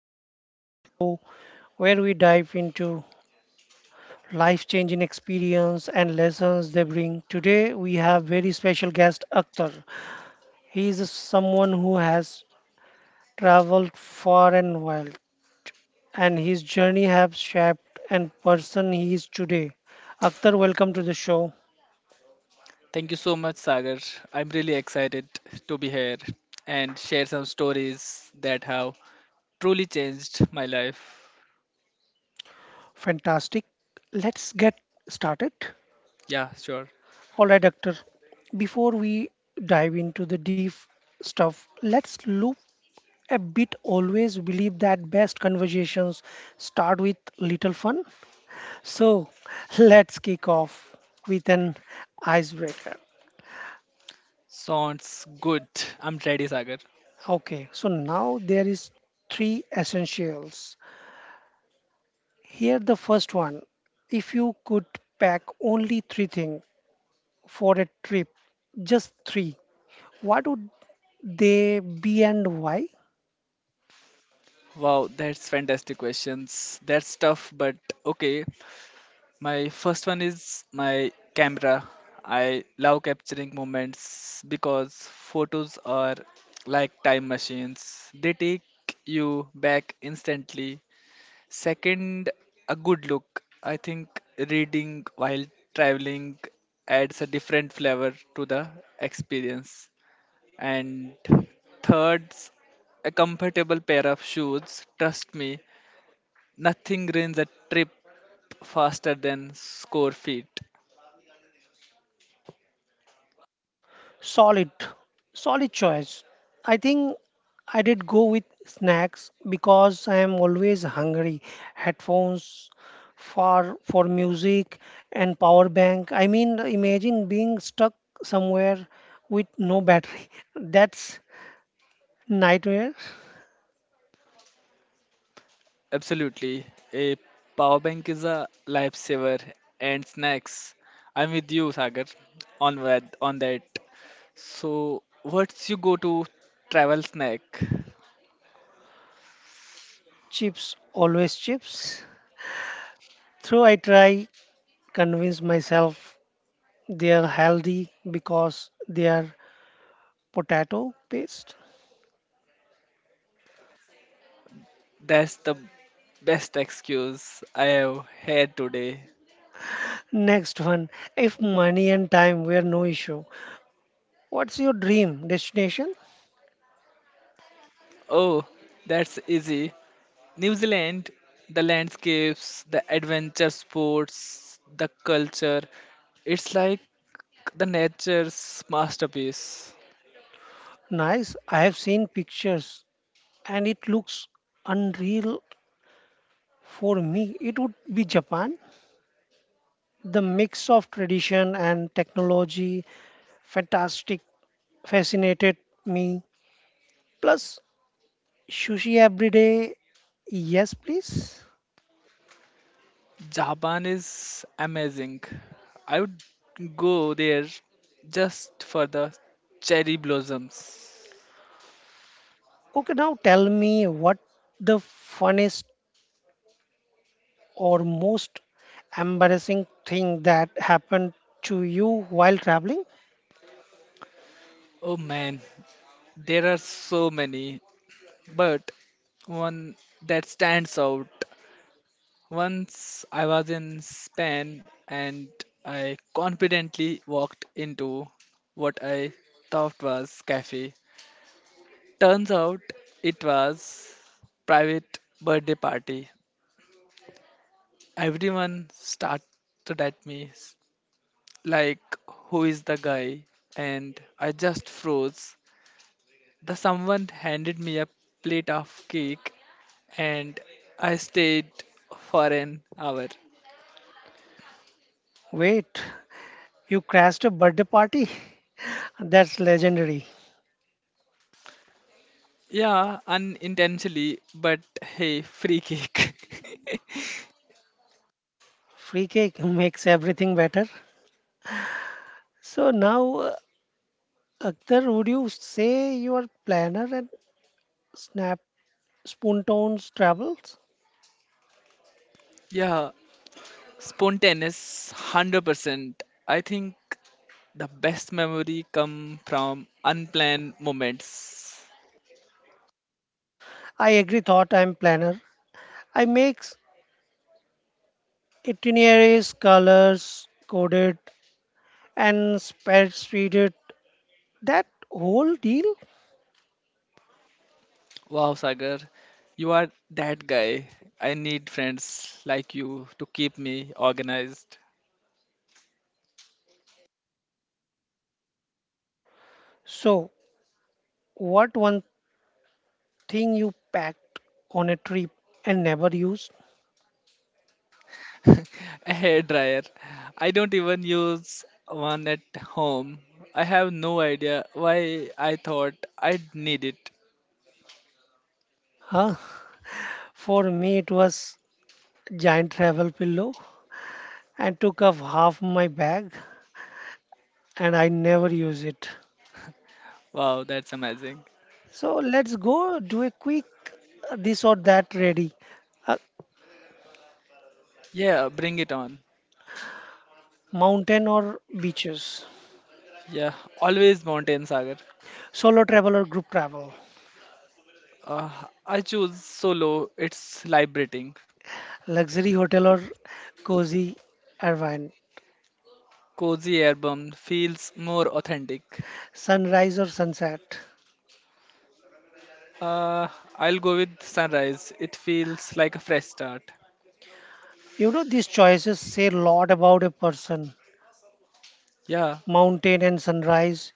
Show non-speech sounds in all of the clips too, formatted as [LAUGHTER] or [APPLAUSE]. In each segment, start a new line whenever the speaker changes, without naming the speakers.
this is show where we dive into life-changing experience and lessons they bring. Today we have very special guest Akhtar. He is someone who has traveled far and wide and his journey has shaped and person he is today. Akhtar, welcome to the show.
Thank you so much, Sagar. I'm really excited to be here and share some stories that have truly changed my life.
Fantastic. Let's get started.
Yeah, sure.
All right, Doctor. Before we dive into the deep stuff, let's look a bit always believe that best conversations start with little fun. So let's kick off with an icebreaker.
Sounds good. I'm ready, Sagar.
Okay, so now there is three essentials. Here the first one. If you could pack only three things for a trip, just three, what would they be and why?
Wow, that's fantastic questions. That's tough, but okay. My first one is my camera. I love capturing moments because photos are like time machines. They take you back instantly. Second, a good look. I think reading while traveling adds a different flavor to the experience. And third, a comfortable pair of shoes. Trust me, nothing ruins a trip faster than score feet.
Solid, solid choice. I think I did go with snacks because I am always hungry. Headphones for music and power bank. I mean, imagine being stuck somewhere with no battery. [LAUGHS] That's nightmare.
Absolutely. A power bank is a lifesaver and snacks. I'm with you, Sagar, on that. So, what's your go to travel snack?
Chips, always chips. Though I try convince myself they are healthy because they are potato paste.
That's the best excuse I have had today.
Next one. If money and time were no issue, what's your dream destination?
Oh, that's easy. New Zealand, the landscapes, the adventure sports, the culture. It's like the nature's masterpiece.
Nice. I have seen pictures and it looks unreal for me. It would be Japan. The mix of tradition and technology, fantastic, fascinated me. Plus, sushi every day. Yes, please.
Japan is amazing. I would go there just for the cherry blossoms.
Okay, now tell me what the funniest or most embarrassing thing that happened to you while traveling?
Oh man, there are so many, but one that stands out. Once I was in Spain and I confidently walked into what I thought was cafe. Turns out it was private birthday party. Everyone started at me like who is the guy and I just froze. The someone handed me a plate of cake and I stayed for an hour.
Wait, you crashed a birthday party? [LAUGHS] That's legendary.
Yeah, unintentionally, but hey, free kick.
Free cake [LAUGHS] makes everything better. So now, Akhtar, would you say you are planner and snap spontaneous travels?
[LAUGHS] Yeah, spontaneous, 100%. I think the best memory come from unplanned moments.
I agree. Thought I'm planner. I make itineraries, colors, coded, and spreadsheeted that whole deal.
Wow, Sagar, you are that guy. I need friends like you to keep me organized.
So, what one thing you packed on a trip and never used?
[LAUGHS] A hair dryer. I don't even use one at home. I have no idea why I thought I'd need it.
Huh? For me, it was giant travel pillow and took up half my bag and I never use it.
Wow, that's amazing.
So let's go do a quick this or that ready. Uh,
Yeah, bring it on.
mountain or beaches,
Yeah, always mountain sagar.
solo travel or group travel,
Uh, I choose solo. It's liberating.
luxury hotel or cozy Irvine,
Cozy album feels more authentic.
sunrise or sunset.
Uh, I'll go with sunrise. It feels like a fresh start.
You know, these choices say a lot about a person.
Yeah,
Mountain and sunrise.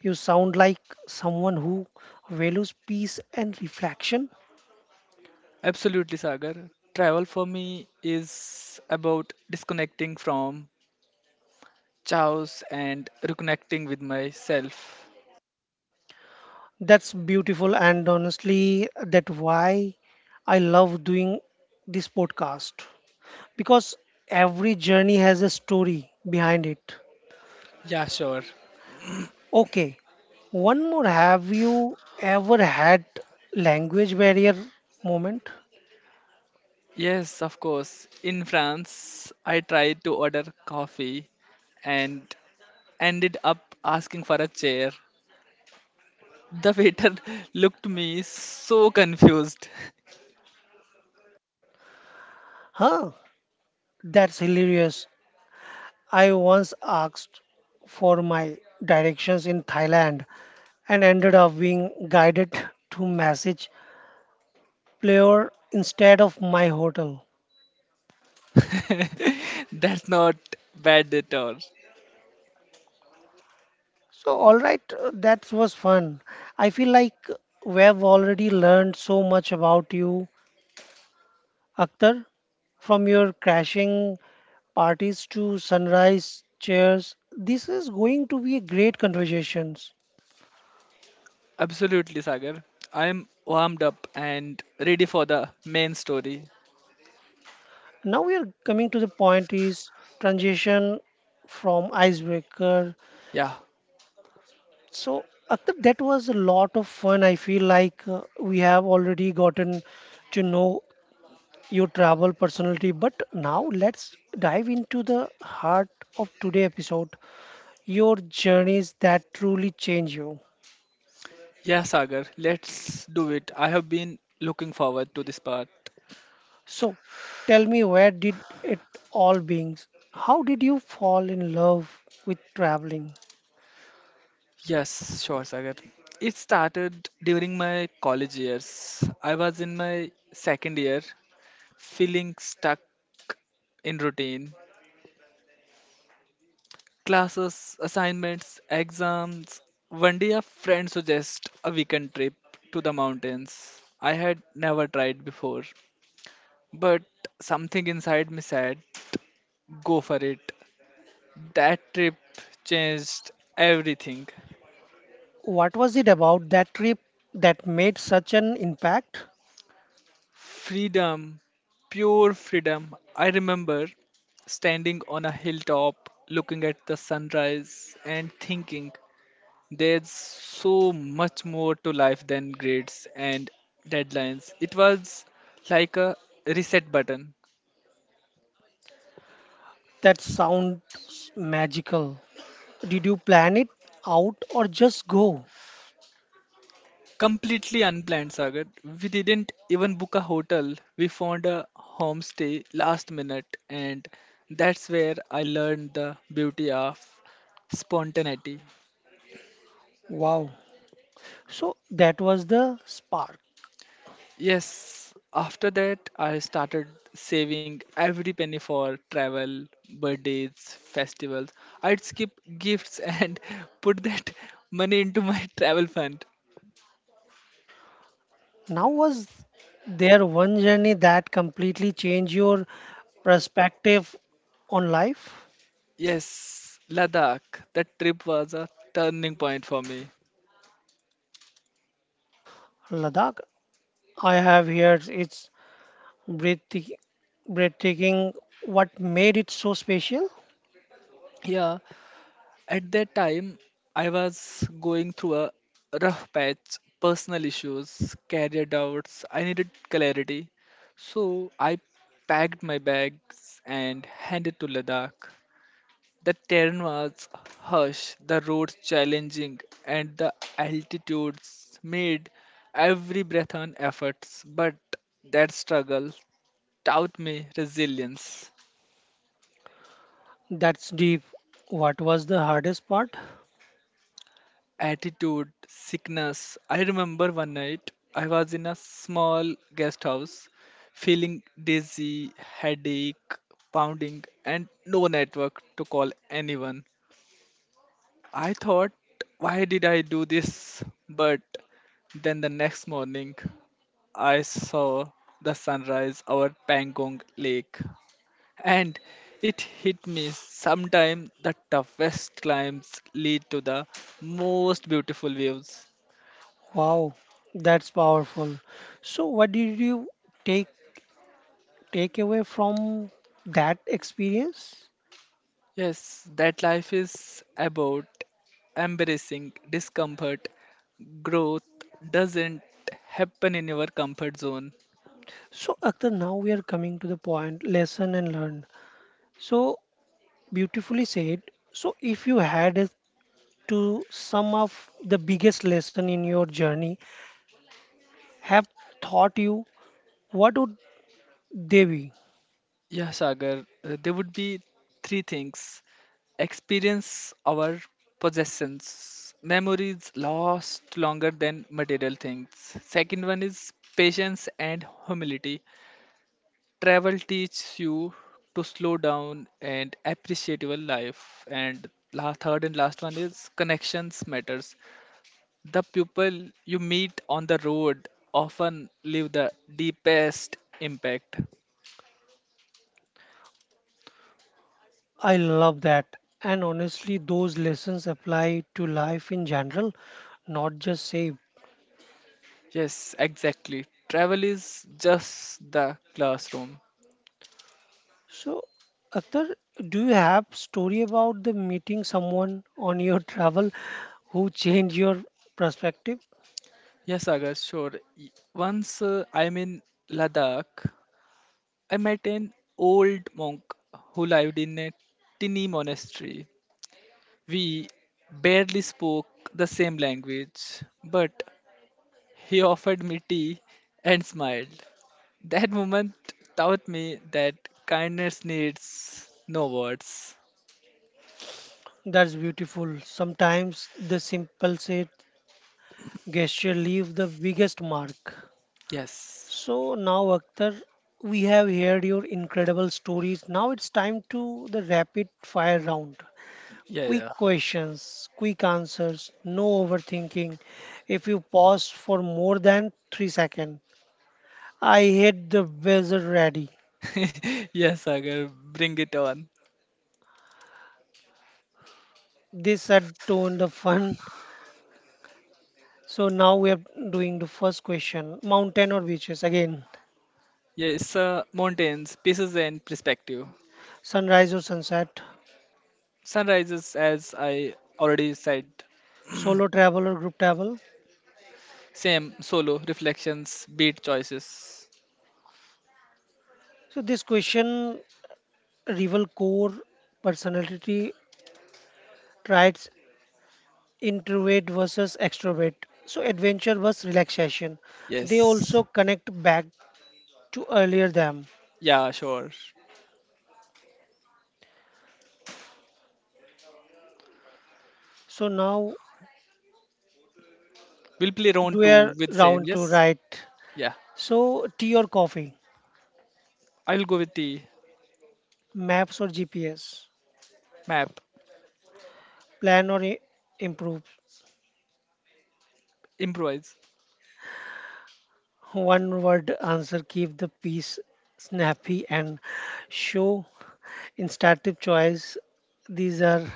You sound like someone who values peace and reflection.
absolutely, Sagar. Travel for me is about disconnecting from chaos and reconnecting with myself.
That's beautiful, and honestly, that why I love doing this podcast because every journey has a story behind it.
Yeah, sure.
Okay, one more. Have you ever had language barrier moment?
Yes, of course. In France, I tried to order coffee and ended up asking for a chair. The waiter [LAUGHS] looked me so confused.
Huh? That's hilarious. I once asked for my directions in Thailand and ended up being guided to Massage player instead of my hotel.
[LAUGHS] That's not bad at all.
So, all right, that was fun. I feel like we have already learned so much about you, Akhtar, from your crashing parties to sunrise chairs. This is going to be a great conversation.
Absolutely, Sagar. I'm warmed up and ready for the main story.
Now we are coming to the point is transition from icebreaker.
Yeah.
So, Akhtar, that was a lot of fun. I feel like we have already gotten to know your travel personality, but now let's dive into the heart of today's episode, your journeys that truly change you.
Yeah, Sagar, let's do it. I have been looking forward to this part.
So, tell me where did it all begins? How did you fall in love with traveling?
Yes, sure, Sagar. It started during my college years. I was in my second year, feeling stuck in routine. Classes, assignments, exams. One day, a friend suggested a weekend trip to the mountains. I had never tried before, but something inside me said, go for it. That trip changed everything.
What was it about that trip that made such an impact?
Freedom, pure freedom. I remember standing on a hilltop looking at the sunrise and thinking there's so much more to life than grades and deadlines. It was like a reset button.
That sounds magical. Did you plan it out or just go?
Completely unplanned, Sagar. We didn't even book a hotel. We found a homestay last minute, and that's where I learned the beauty of spontaneity.
Wow. So that was the spark.
Yes, after that, I started saving every penny for travel, birthdays, festivals. I'd skip gifts and [LAUGHS] put that money into my [LAUGHS] travel fund.
Now, was there one journey that completely changed your perspective on life?
Yes, Ladakh, that trip was a turning point for me.
Ladakh, I have here it's breathtaking. breathtaking. What made it so special?
Yeah, at that time, I was going through a rough patch, personal issues, career doubts. I needed clarity. So I packed my bags and headed to Ladakh. The terrain was harsh, the roads challenging, and the altitudes made every breath an effort. But that struggle taught me resilience.
That's deep. What was the hardest part?
Attitude, sickness. I remember one night I was in a small guest house feeling dizzy, headache, pounding, and no network to call anyone. I thought, why did I do this? But then the next morning, I saw the sunrise over Pangong Lake. And it hit me sometimes the toughest climbs lead to the most beautiful views.
Wow, that's powerful. So, what did you take take away from that experience?
Yes, that life is about embracing discomfort. Growth doesn't happen in your comfort zone.
So, Akhtar, now we are coming to the point lesson and learned. So, beautifully said. So, if you had to sum up the biggest lesson in your journey, have taught you, what would they be?
Yeah, Sagar, there would be three things experience our possessions, memories last longer than material things. Second one is patience and humility. Travel teaches you to slow down and appreciate your life. And la third and last one is connections matters. The people you meet on the road often leave the deepest impact.
I love that. And honestly, those lessons apply to life in general, not just save.
Yes, exactly. Travel is just the classroom.
So, Akhtar, do you have story about the meeting someone on your [LAUGHS] travel who changed your perspective?
Yes, Agar, sure. Once I'm in Ladakh, I met an old monk who lived in a tiny monastery. We barely spoke the same language, but he offered me tea and smiled. That moment taught me that kindness needs no words.
That's beautiful. Sometimes the simple said gesture leave the biggest mark.
Yes.
So now, Akhtar, we have heard your incredible stories. Now it's time to the rapid fire round. Quick
Yeah,
questions, quick answers, no overthinking. If you pause for more than 3 seconds, I hit the buzzer ready.
yeah. [LAUGHS] Yes, Sagar, bring it on.
This had turned the fun. So now we are doing the first question: mountain or beaches? Again,
Yes, mountains, pieces and perspective.
sunrise or sunset?
Sunrises, as I already said.
Solo travel or group travel?
Same, solo, reflections, beat choices.
So this question reveal core personality traits introvert versus extrovert. So adventure versus relaxation. They
Yes.
also connect back to earlier them.
Yeah, sure.
So now
We'll play round
we
two
are
with same.
round to
Yes.
right.
Yeah.
So tea or coffee,
I'll go with the
maps or GPS,
map.
plan or improve.
Improvise.
One word answer keep the peace snappy and show. In Startup Choice, these are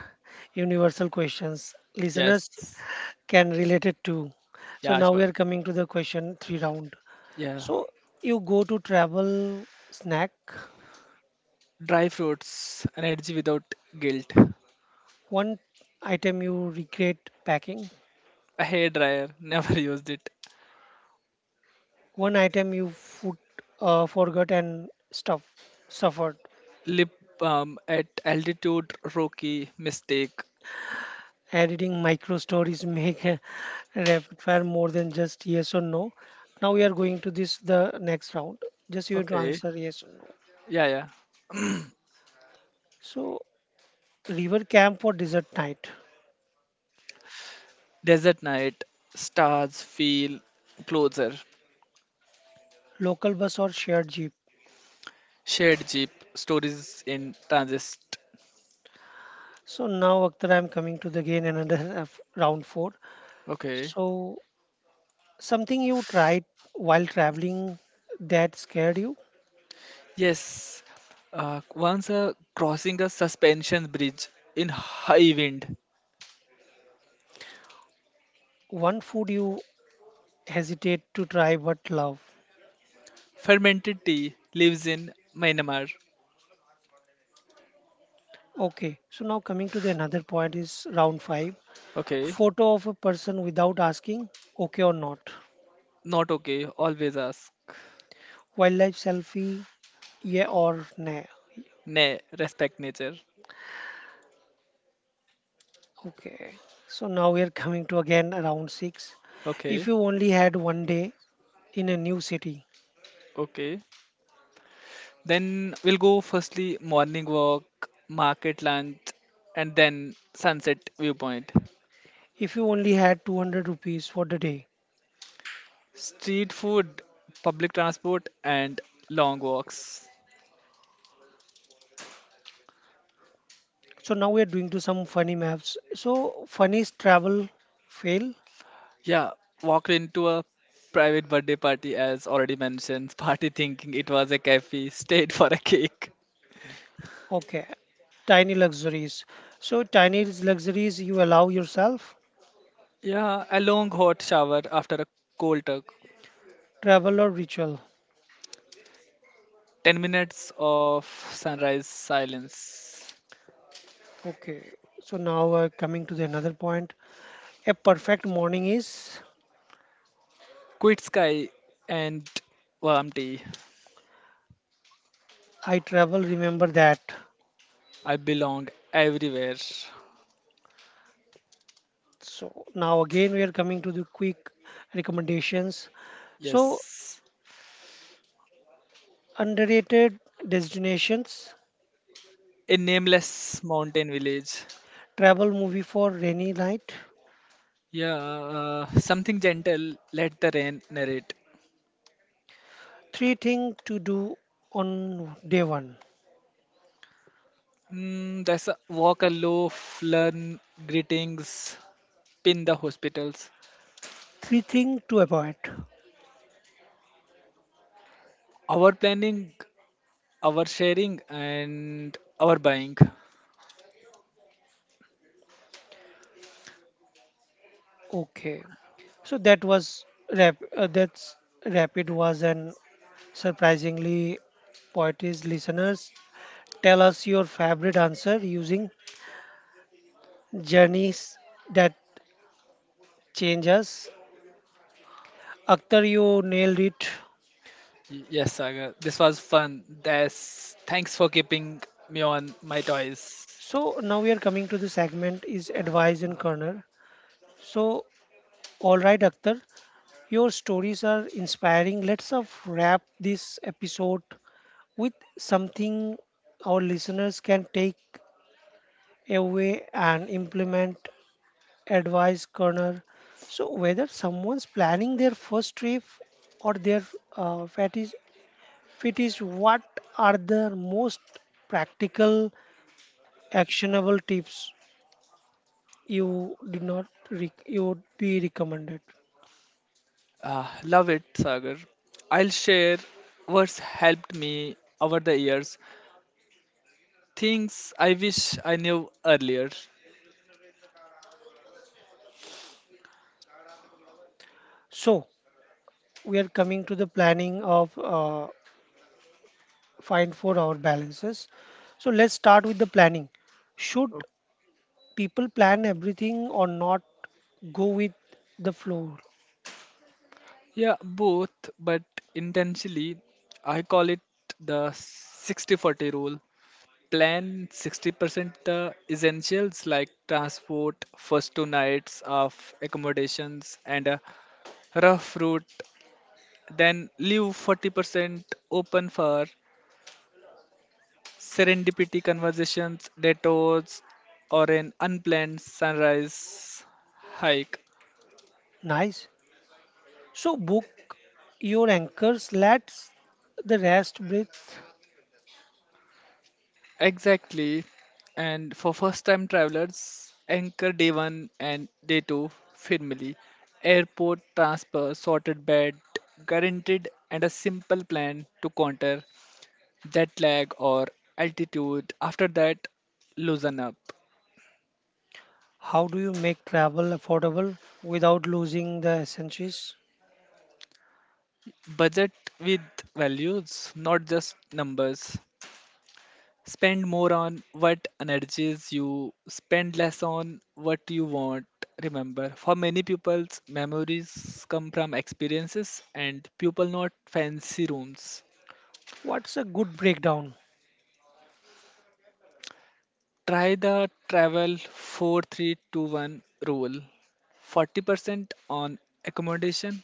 universal questions listeners
Yes.
can relate it to. So
Yeah.
now we
Sure.
are coming to the question three round.
Yeah.
So you go to travel snack,
Dry fruits. Energy without guilt.
one item you regret packing,
A hair dryer. [LAUGHS] Never used it.
one item you food, forgot and stuff suffered.
Lip balm at altitude. Rocky mistake.
Editing micro stories [LAUGHS] make a rapid fire more than just yes or no. Now we are going to this the next round. Just you have to
Okay.
answer yes or no.
Yeah. Yeah.
So river camp or desert night,
Desert night. Stars feel closer.
local bus or shared jeep.
Shared jeep. Stories in transist.
So now, Akhtar, I'm coming to the again another [LAUGHS] round four.
Okay.
So something you tried while traveling that scared you,
Yes, once crossing a suspension bridge in high wind,
one food you hesitate to try but love.
fermented tea lives in Myanmar.
Okay, so now coming to the another point is round five.
Okay,
Photo of a person without asking, okay or not.
not okay, always ask.
Wildlife selfie, yeah or nah.
Ne, respect nature.
Okay, so now we are coming to again round six. If
Okay,
you only had one day in a new city,
okay. Then we'll go firstly morning walk, market lunch, and then sunset viewpoint.
if you only had 200 rupees for the day.
Street food, public transport, and long walks.
So now we are doing to some funny maps. So funny is travel fail.
Yeah, walked into a private birthday party as already mentioned. [LAUGHS] Party thinking it was a cafe, stayed for a cake.
Okay, tiny luxuries. So tiny is luxuries you allow yourself,
Yeah, a long hot shower after a cold tug.
travel or ritual.
10 minutes of sunrise silence.
Okay, so now we're coming to the another point. A perfect morning is
Quit sky and warm tea.
I travel, remember that.
I belong everywhere.
So now again we are coming to the quick recommendations. So
Yes.
underrated destinations,
A nameless mountain village.
travel movie for rainy night,
Yeah, something gentle, let the rain narrate.
three thing to do on day one,
Mm, that's a walk aloof, learn greetings, pin the hospitals.
three thing to avoid.
Our planning, our sharing, and our buying.
Okay, so that was rap. That's rapid was an surprisingly poetry's listeners. Tell us your favorite answer using journeys that change us. Akhtar, you nailed it.
Yes, Sagar, this was fun. That's thanks for keeping me on my toys.
So now we are coming to the segment is advice and corner. So all right, Akhtar, your stories are inspiring. Let's of wrap this episode with something our listeners can take away and implement advice corner. So whether someone's planning their first trip or their uh, fetish, fetish, what are the most practical, actionable tips you did not you would be recommended.
Love it, Sagar. I'll share what's helped me over the years. Things I wish I knew earlier.
So we are coming to the planning of find for our balances. So let's start with the planning. Should people plan everything or not go with the flow?
Yeah, both, but intentionally, I call it the 60/40 rule. Plan 60% the essentials like transport, first two nights of accommodations, and a rough route. Then leave 40% open for serendipity conversations, detours, or an unplanned sunrise hike.
Nice. So book your anchors. Let the rest breathe.
Exactly. And for first time travelers, anchor day one and day two firmly. Airport transfer, sorted bed, guaranteed, and a simple plan to counter jet lag or altitude. After that, loosen up.
How do you make travel affordable without losing the essentials?
Budget with values, not just numbers. Spend more on what energies you, spend less on what you want. Remember, for many people's memories come from experiences and people not fancy rooms.
What's a good breakdown?
Try the travel 4321 rule 40% on accommodation,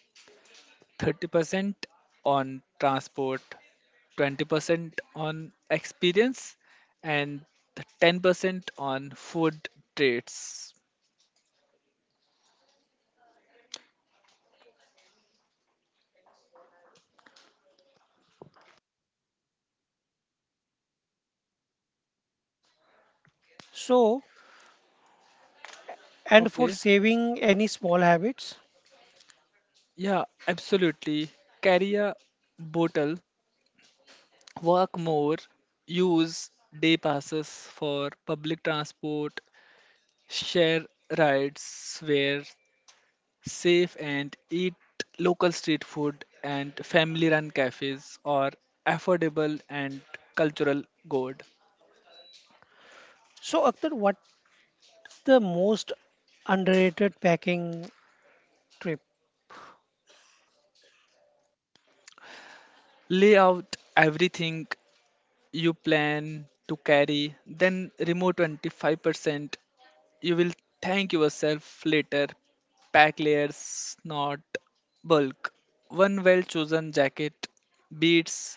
30% on transport, 20% on experience, and 10% on food treats.
So and for
Okay.
saving any small habits.
Yeah, absolutely. Carry a bottle, work more, use day passes for public transport, share rides where safe, and eat local street food and family run cafes or affordable and cultural good.
So, Akhtar, what's the most underrated packing trip?
Lay out everything you plan to carry, then remove 25%. You will thank yourself later. Pack layers, not bulk. One well chosen jacket beats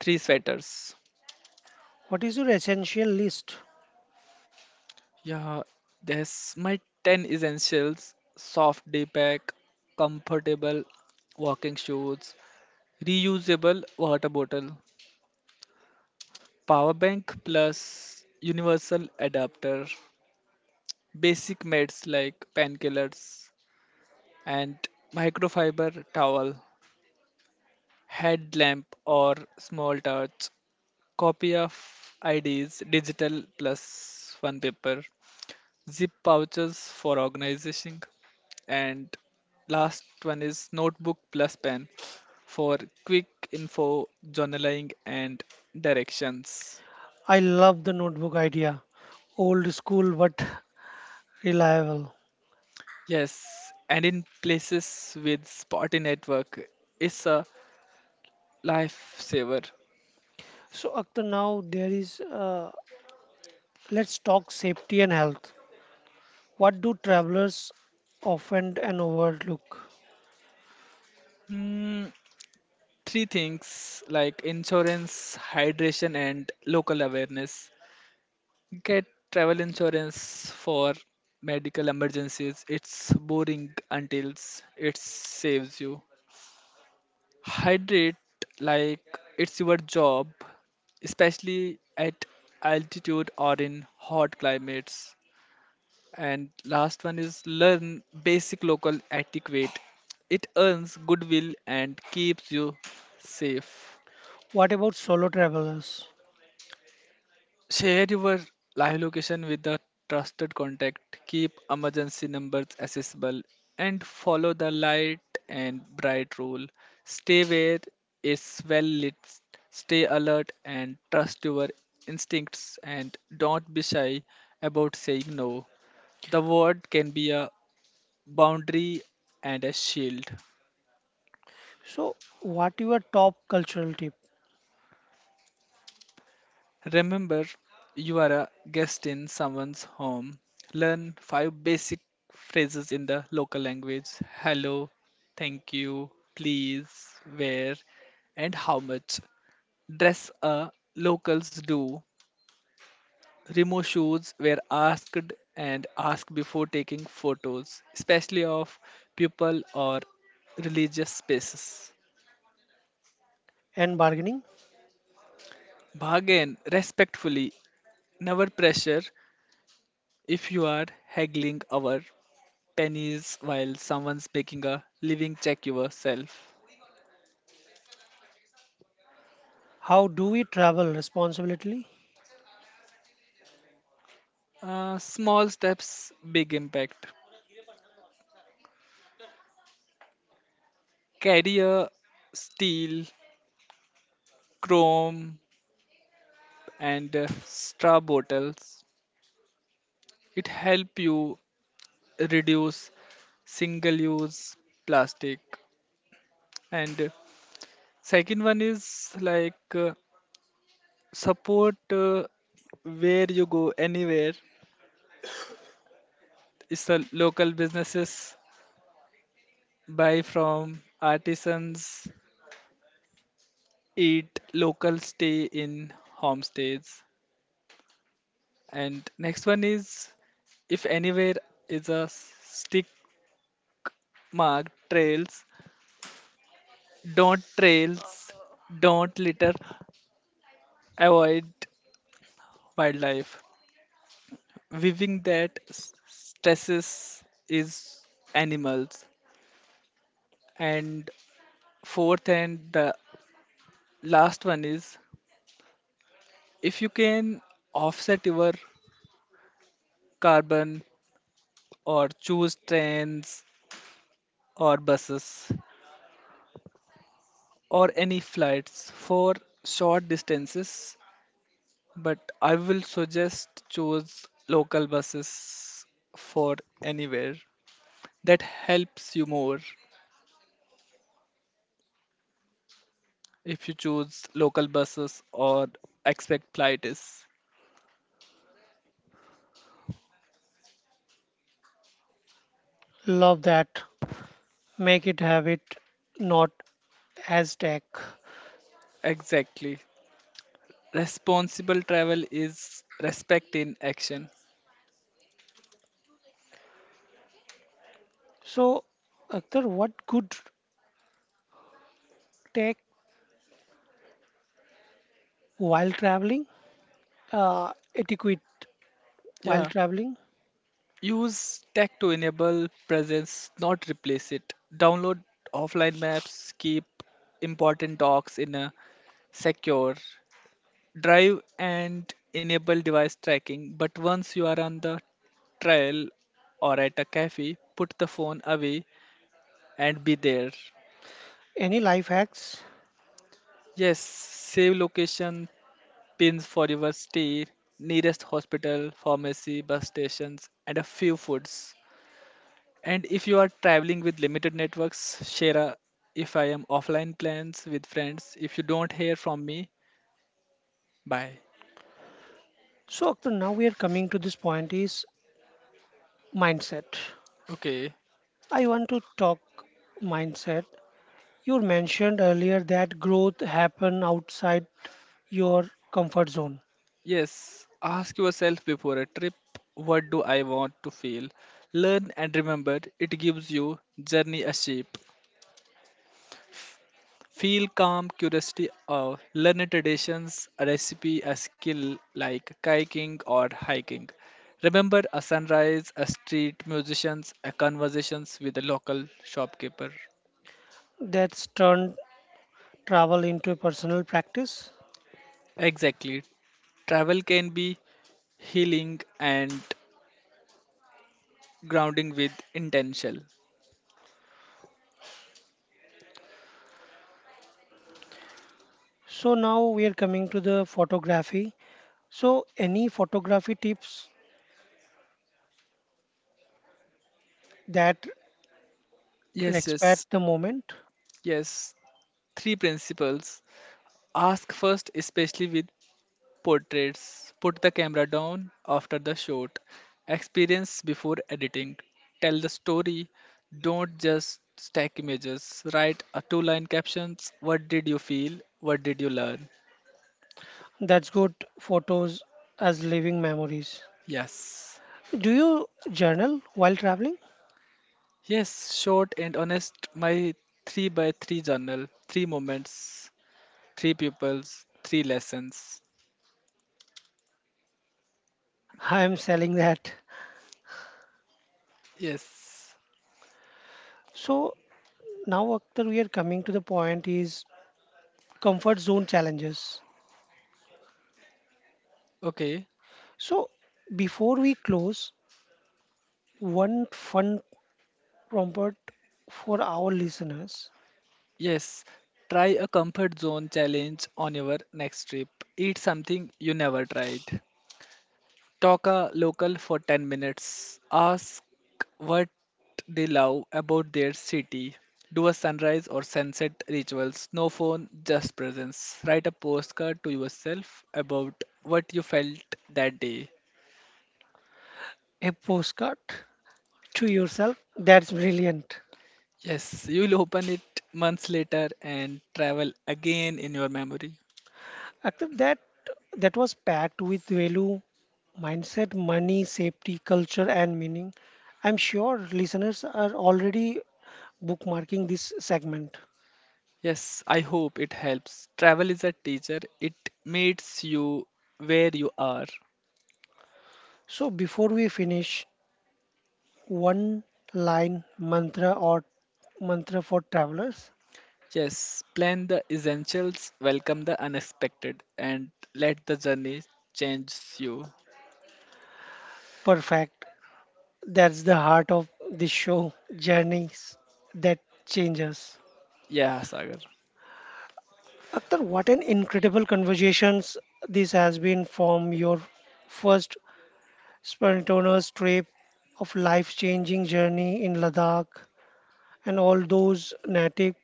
three sweaters.
What is your essential list?
Yeah, there's my 10 essentials soft day pack, comfortable walking shoes, reusable water bottle, power bank plus universal adapter, basic meds like painkillers, and microfiber towel. Headlamp or small torch, copy of IDs, digital plus one paper, zip pouches for organizing, and last one is notebook plus pen for quick info, journaling, and directions.
I love the notebook idea. Old school but [LAUGHS] reliable.
Yes, and in places with spotty network, it's a lifesaver.
So, Akhtar, now there is, let's talk safety and health. What do travelers often and overlook?
Hmm, three things like insurance, hydration, and local awareness. Get travel insurance for medical emergencies. It's boring until it saves you. Hydrate like it's your job, especially at altitude or in hot climates. And last one is learn basic local etiquette. It earns goodwill and keeps you safe.
What about solo travelers?
Share your live location with a trusted contact. Keep emergency numbers accessible and follow the light and bright rule. Stay where it's well lit. Stay alert and trust your instincts and don't be shy about saying no. The word can be a boundary and a shield.
So, what your top cultural tip
Remember, you are a guest in someone's home. Learn five basic phrases in the local language hello, thank you, please, where, and how much. Dress a locals do. Remove shoes where asked and ask before taking photos, especially of people or religious spaces.
and bargaining?
Bargain respectfully, never pressure if you are haggling over pennies while someone's making a living check yourself.
How do we travel responsibly?
Small steps, big impact. Carry a steel, chrome, and straw bottles. It help you reduce single-use plastic. And second one is like support where you go anywhere. It's the local businesses buy from artisans eat local, stay in homestays. And next one is if anywhere is a stick mark trails, don't trails, don't litter, avoid wildlife. Weaving that stresses is animals. And fourth and the last one is if you can offset your carbon or choose trains or buses or any flights for short distances, but I will suggest choose local buses for anywhere. That helps you more if you choose local buses or expect flights.
Love that. Make it habit, not as tech.
Exactly. Responsible travel is respect in action.
So, Akhtar, what good tech while traveling? Etiquette while
Yeah.
traveling?
Use tech to enable presence, not replace it. Download offline maps, keep important docs in a secure drive, and enable device tracking. But once you are on the trail or at a cafe, put the phone away and be there.
Any life hacks?
Yes, save location pins for your stay, nearest hospital, pharmacy, bus stations, and a few foods. And if you are traveling with limited networks, share a if I am offline plans with friends. If you don't hear from me, bye.
So, Akhtar, now we are coming to this point is mindset.
Okay.
I want to talk mindset. You mentioned earlier that growth happen outside your comfort zone.
Yes. Ask yourself before a trip, what do I want to feel? Learn and remember, it gives you journey a shape. Feel calm, curiosity, or learn traditions, a recipe, a skill like kayaking or hiking. Remember a sunrise, a street musicians, a conversations with a local shopkeeper.
That's turned travel into a personal practice.
Exactly. Travel can be healing and grounding with intention.
So now we are coming to the photography. So any photography tips that
Yes,
respect
yes,
the moment?
yes. Three principles. Ask first, especially with portraits. Put the camera down after the shot. Experience before editing. Tell the story. Don't just stack images. Write a two line captions. What did you feel? What did you learn?
That's good photos as living memories.
Yes.
Do you journal while traveling?
Yes, short and honest. My three by three journal, three moments, three pupils, three lessons.
I am selling that.
Yes.
So now Akhtar, we are coming to the point is comfort zone challenges.
Okay.
So before we close, one fun prompt for our listeners,
Yes. Try a comfort zone challenge on your next trip. Eat something you never tried. Talk a local for 10 minutes. Ask what they love about their city. Do a sunrise or sunset rituals. No phone, just presence. Write a postcard to yourself about what you felt that day.
a postcard to yourself. That's brilliant.
Yes, you'll open it months later and travel again in your memory.
Active that was packed with value, mindset, money, safety, culture, and meaning. I'm sure listeners are already bookmarking this segment.
Yes, I hope it helps. Travel is a teacher, it meets you where you are.
So before we finish, one line mantra or mantra for travelers.
Yes, plan the essentials, welcome the unexpected, and let the journey change you.
Perfect. That's the heart of this show, journeys that change us.
Yeah, Sagar.
Akhtar, what an incredible conversations this has been from your first Spontaneous trip of life-changing journey in Ladakh and all those native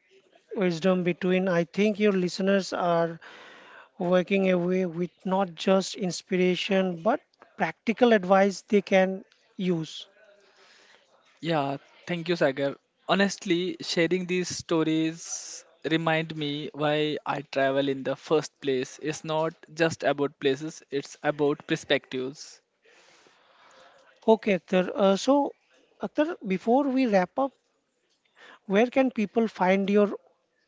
wisdom between. I think your listeners are working away with not just inspiration but practical advice they can use.
Yeah, thank you, Sagar. Honestly, sharing these stories remind me why I travel in the first place. It's not just about places, it's about perspectives.
Okay, Akhtar. Akhtar, before we wrap up, where can people find your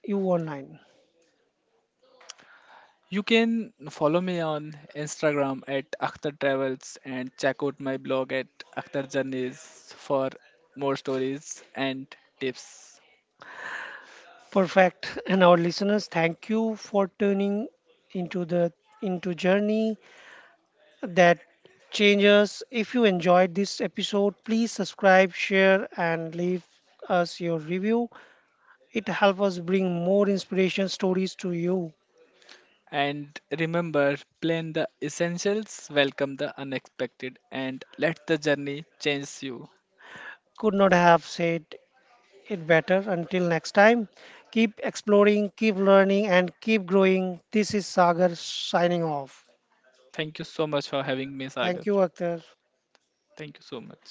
you online?
You can follow me on Instagram at Akhtar Travels and check out my blog at Akhtar Journeys for more stories and tips.
Perfect. [LAUGHS] And our listeners, thank you for tuning into the into journey that changes. If you enjoyed this episode, please subscribe, share, and leave us your review. It helps us bring more inspiration stories to you.
And remember, plan the essentials, welcome the unexpected, and let the journey change you.
Could not have said it better. Until next time, keep exploring, keep learning, and keep growing. This is Sagar signing off.
Thank you so much for having me, Sagar.
Thank you, Akhtar.
Thank you so much.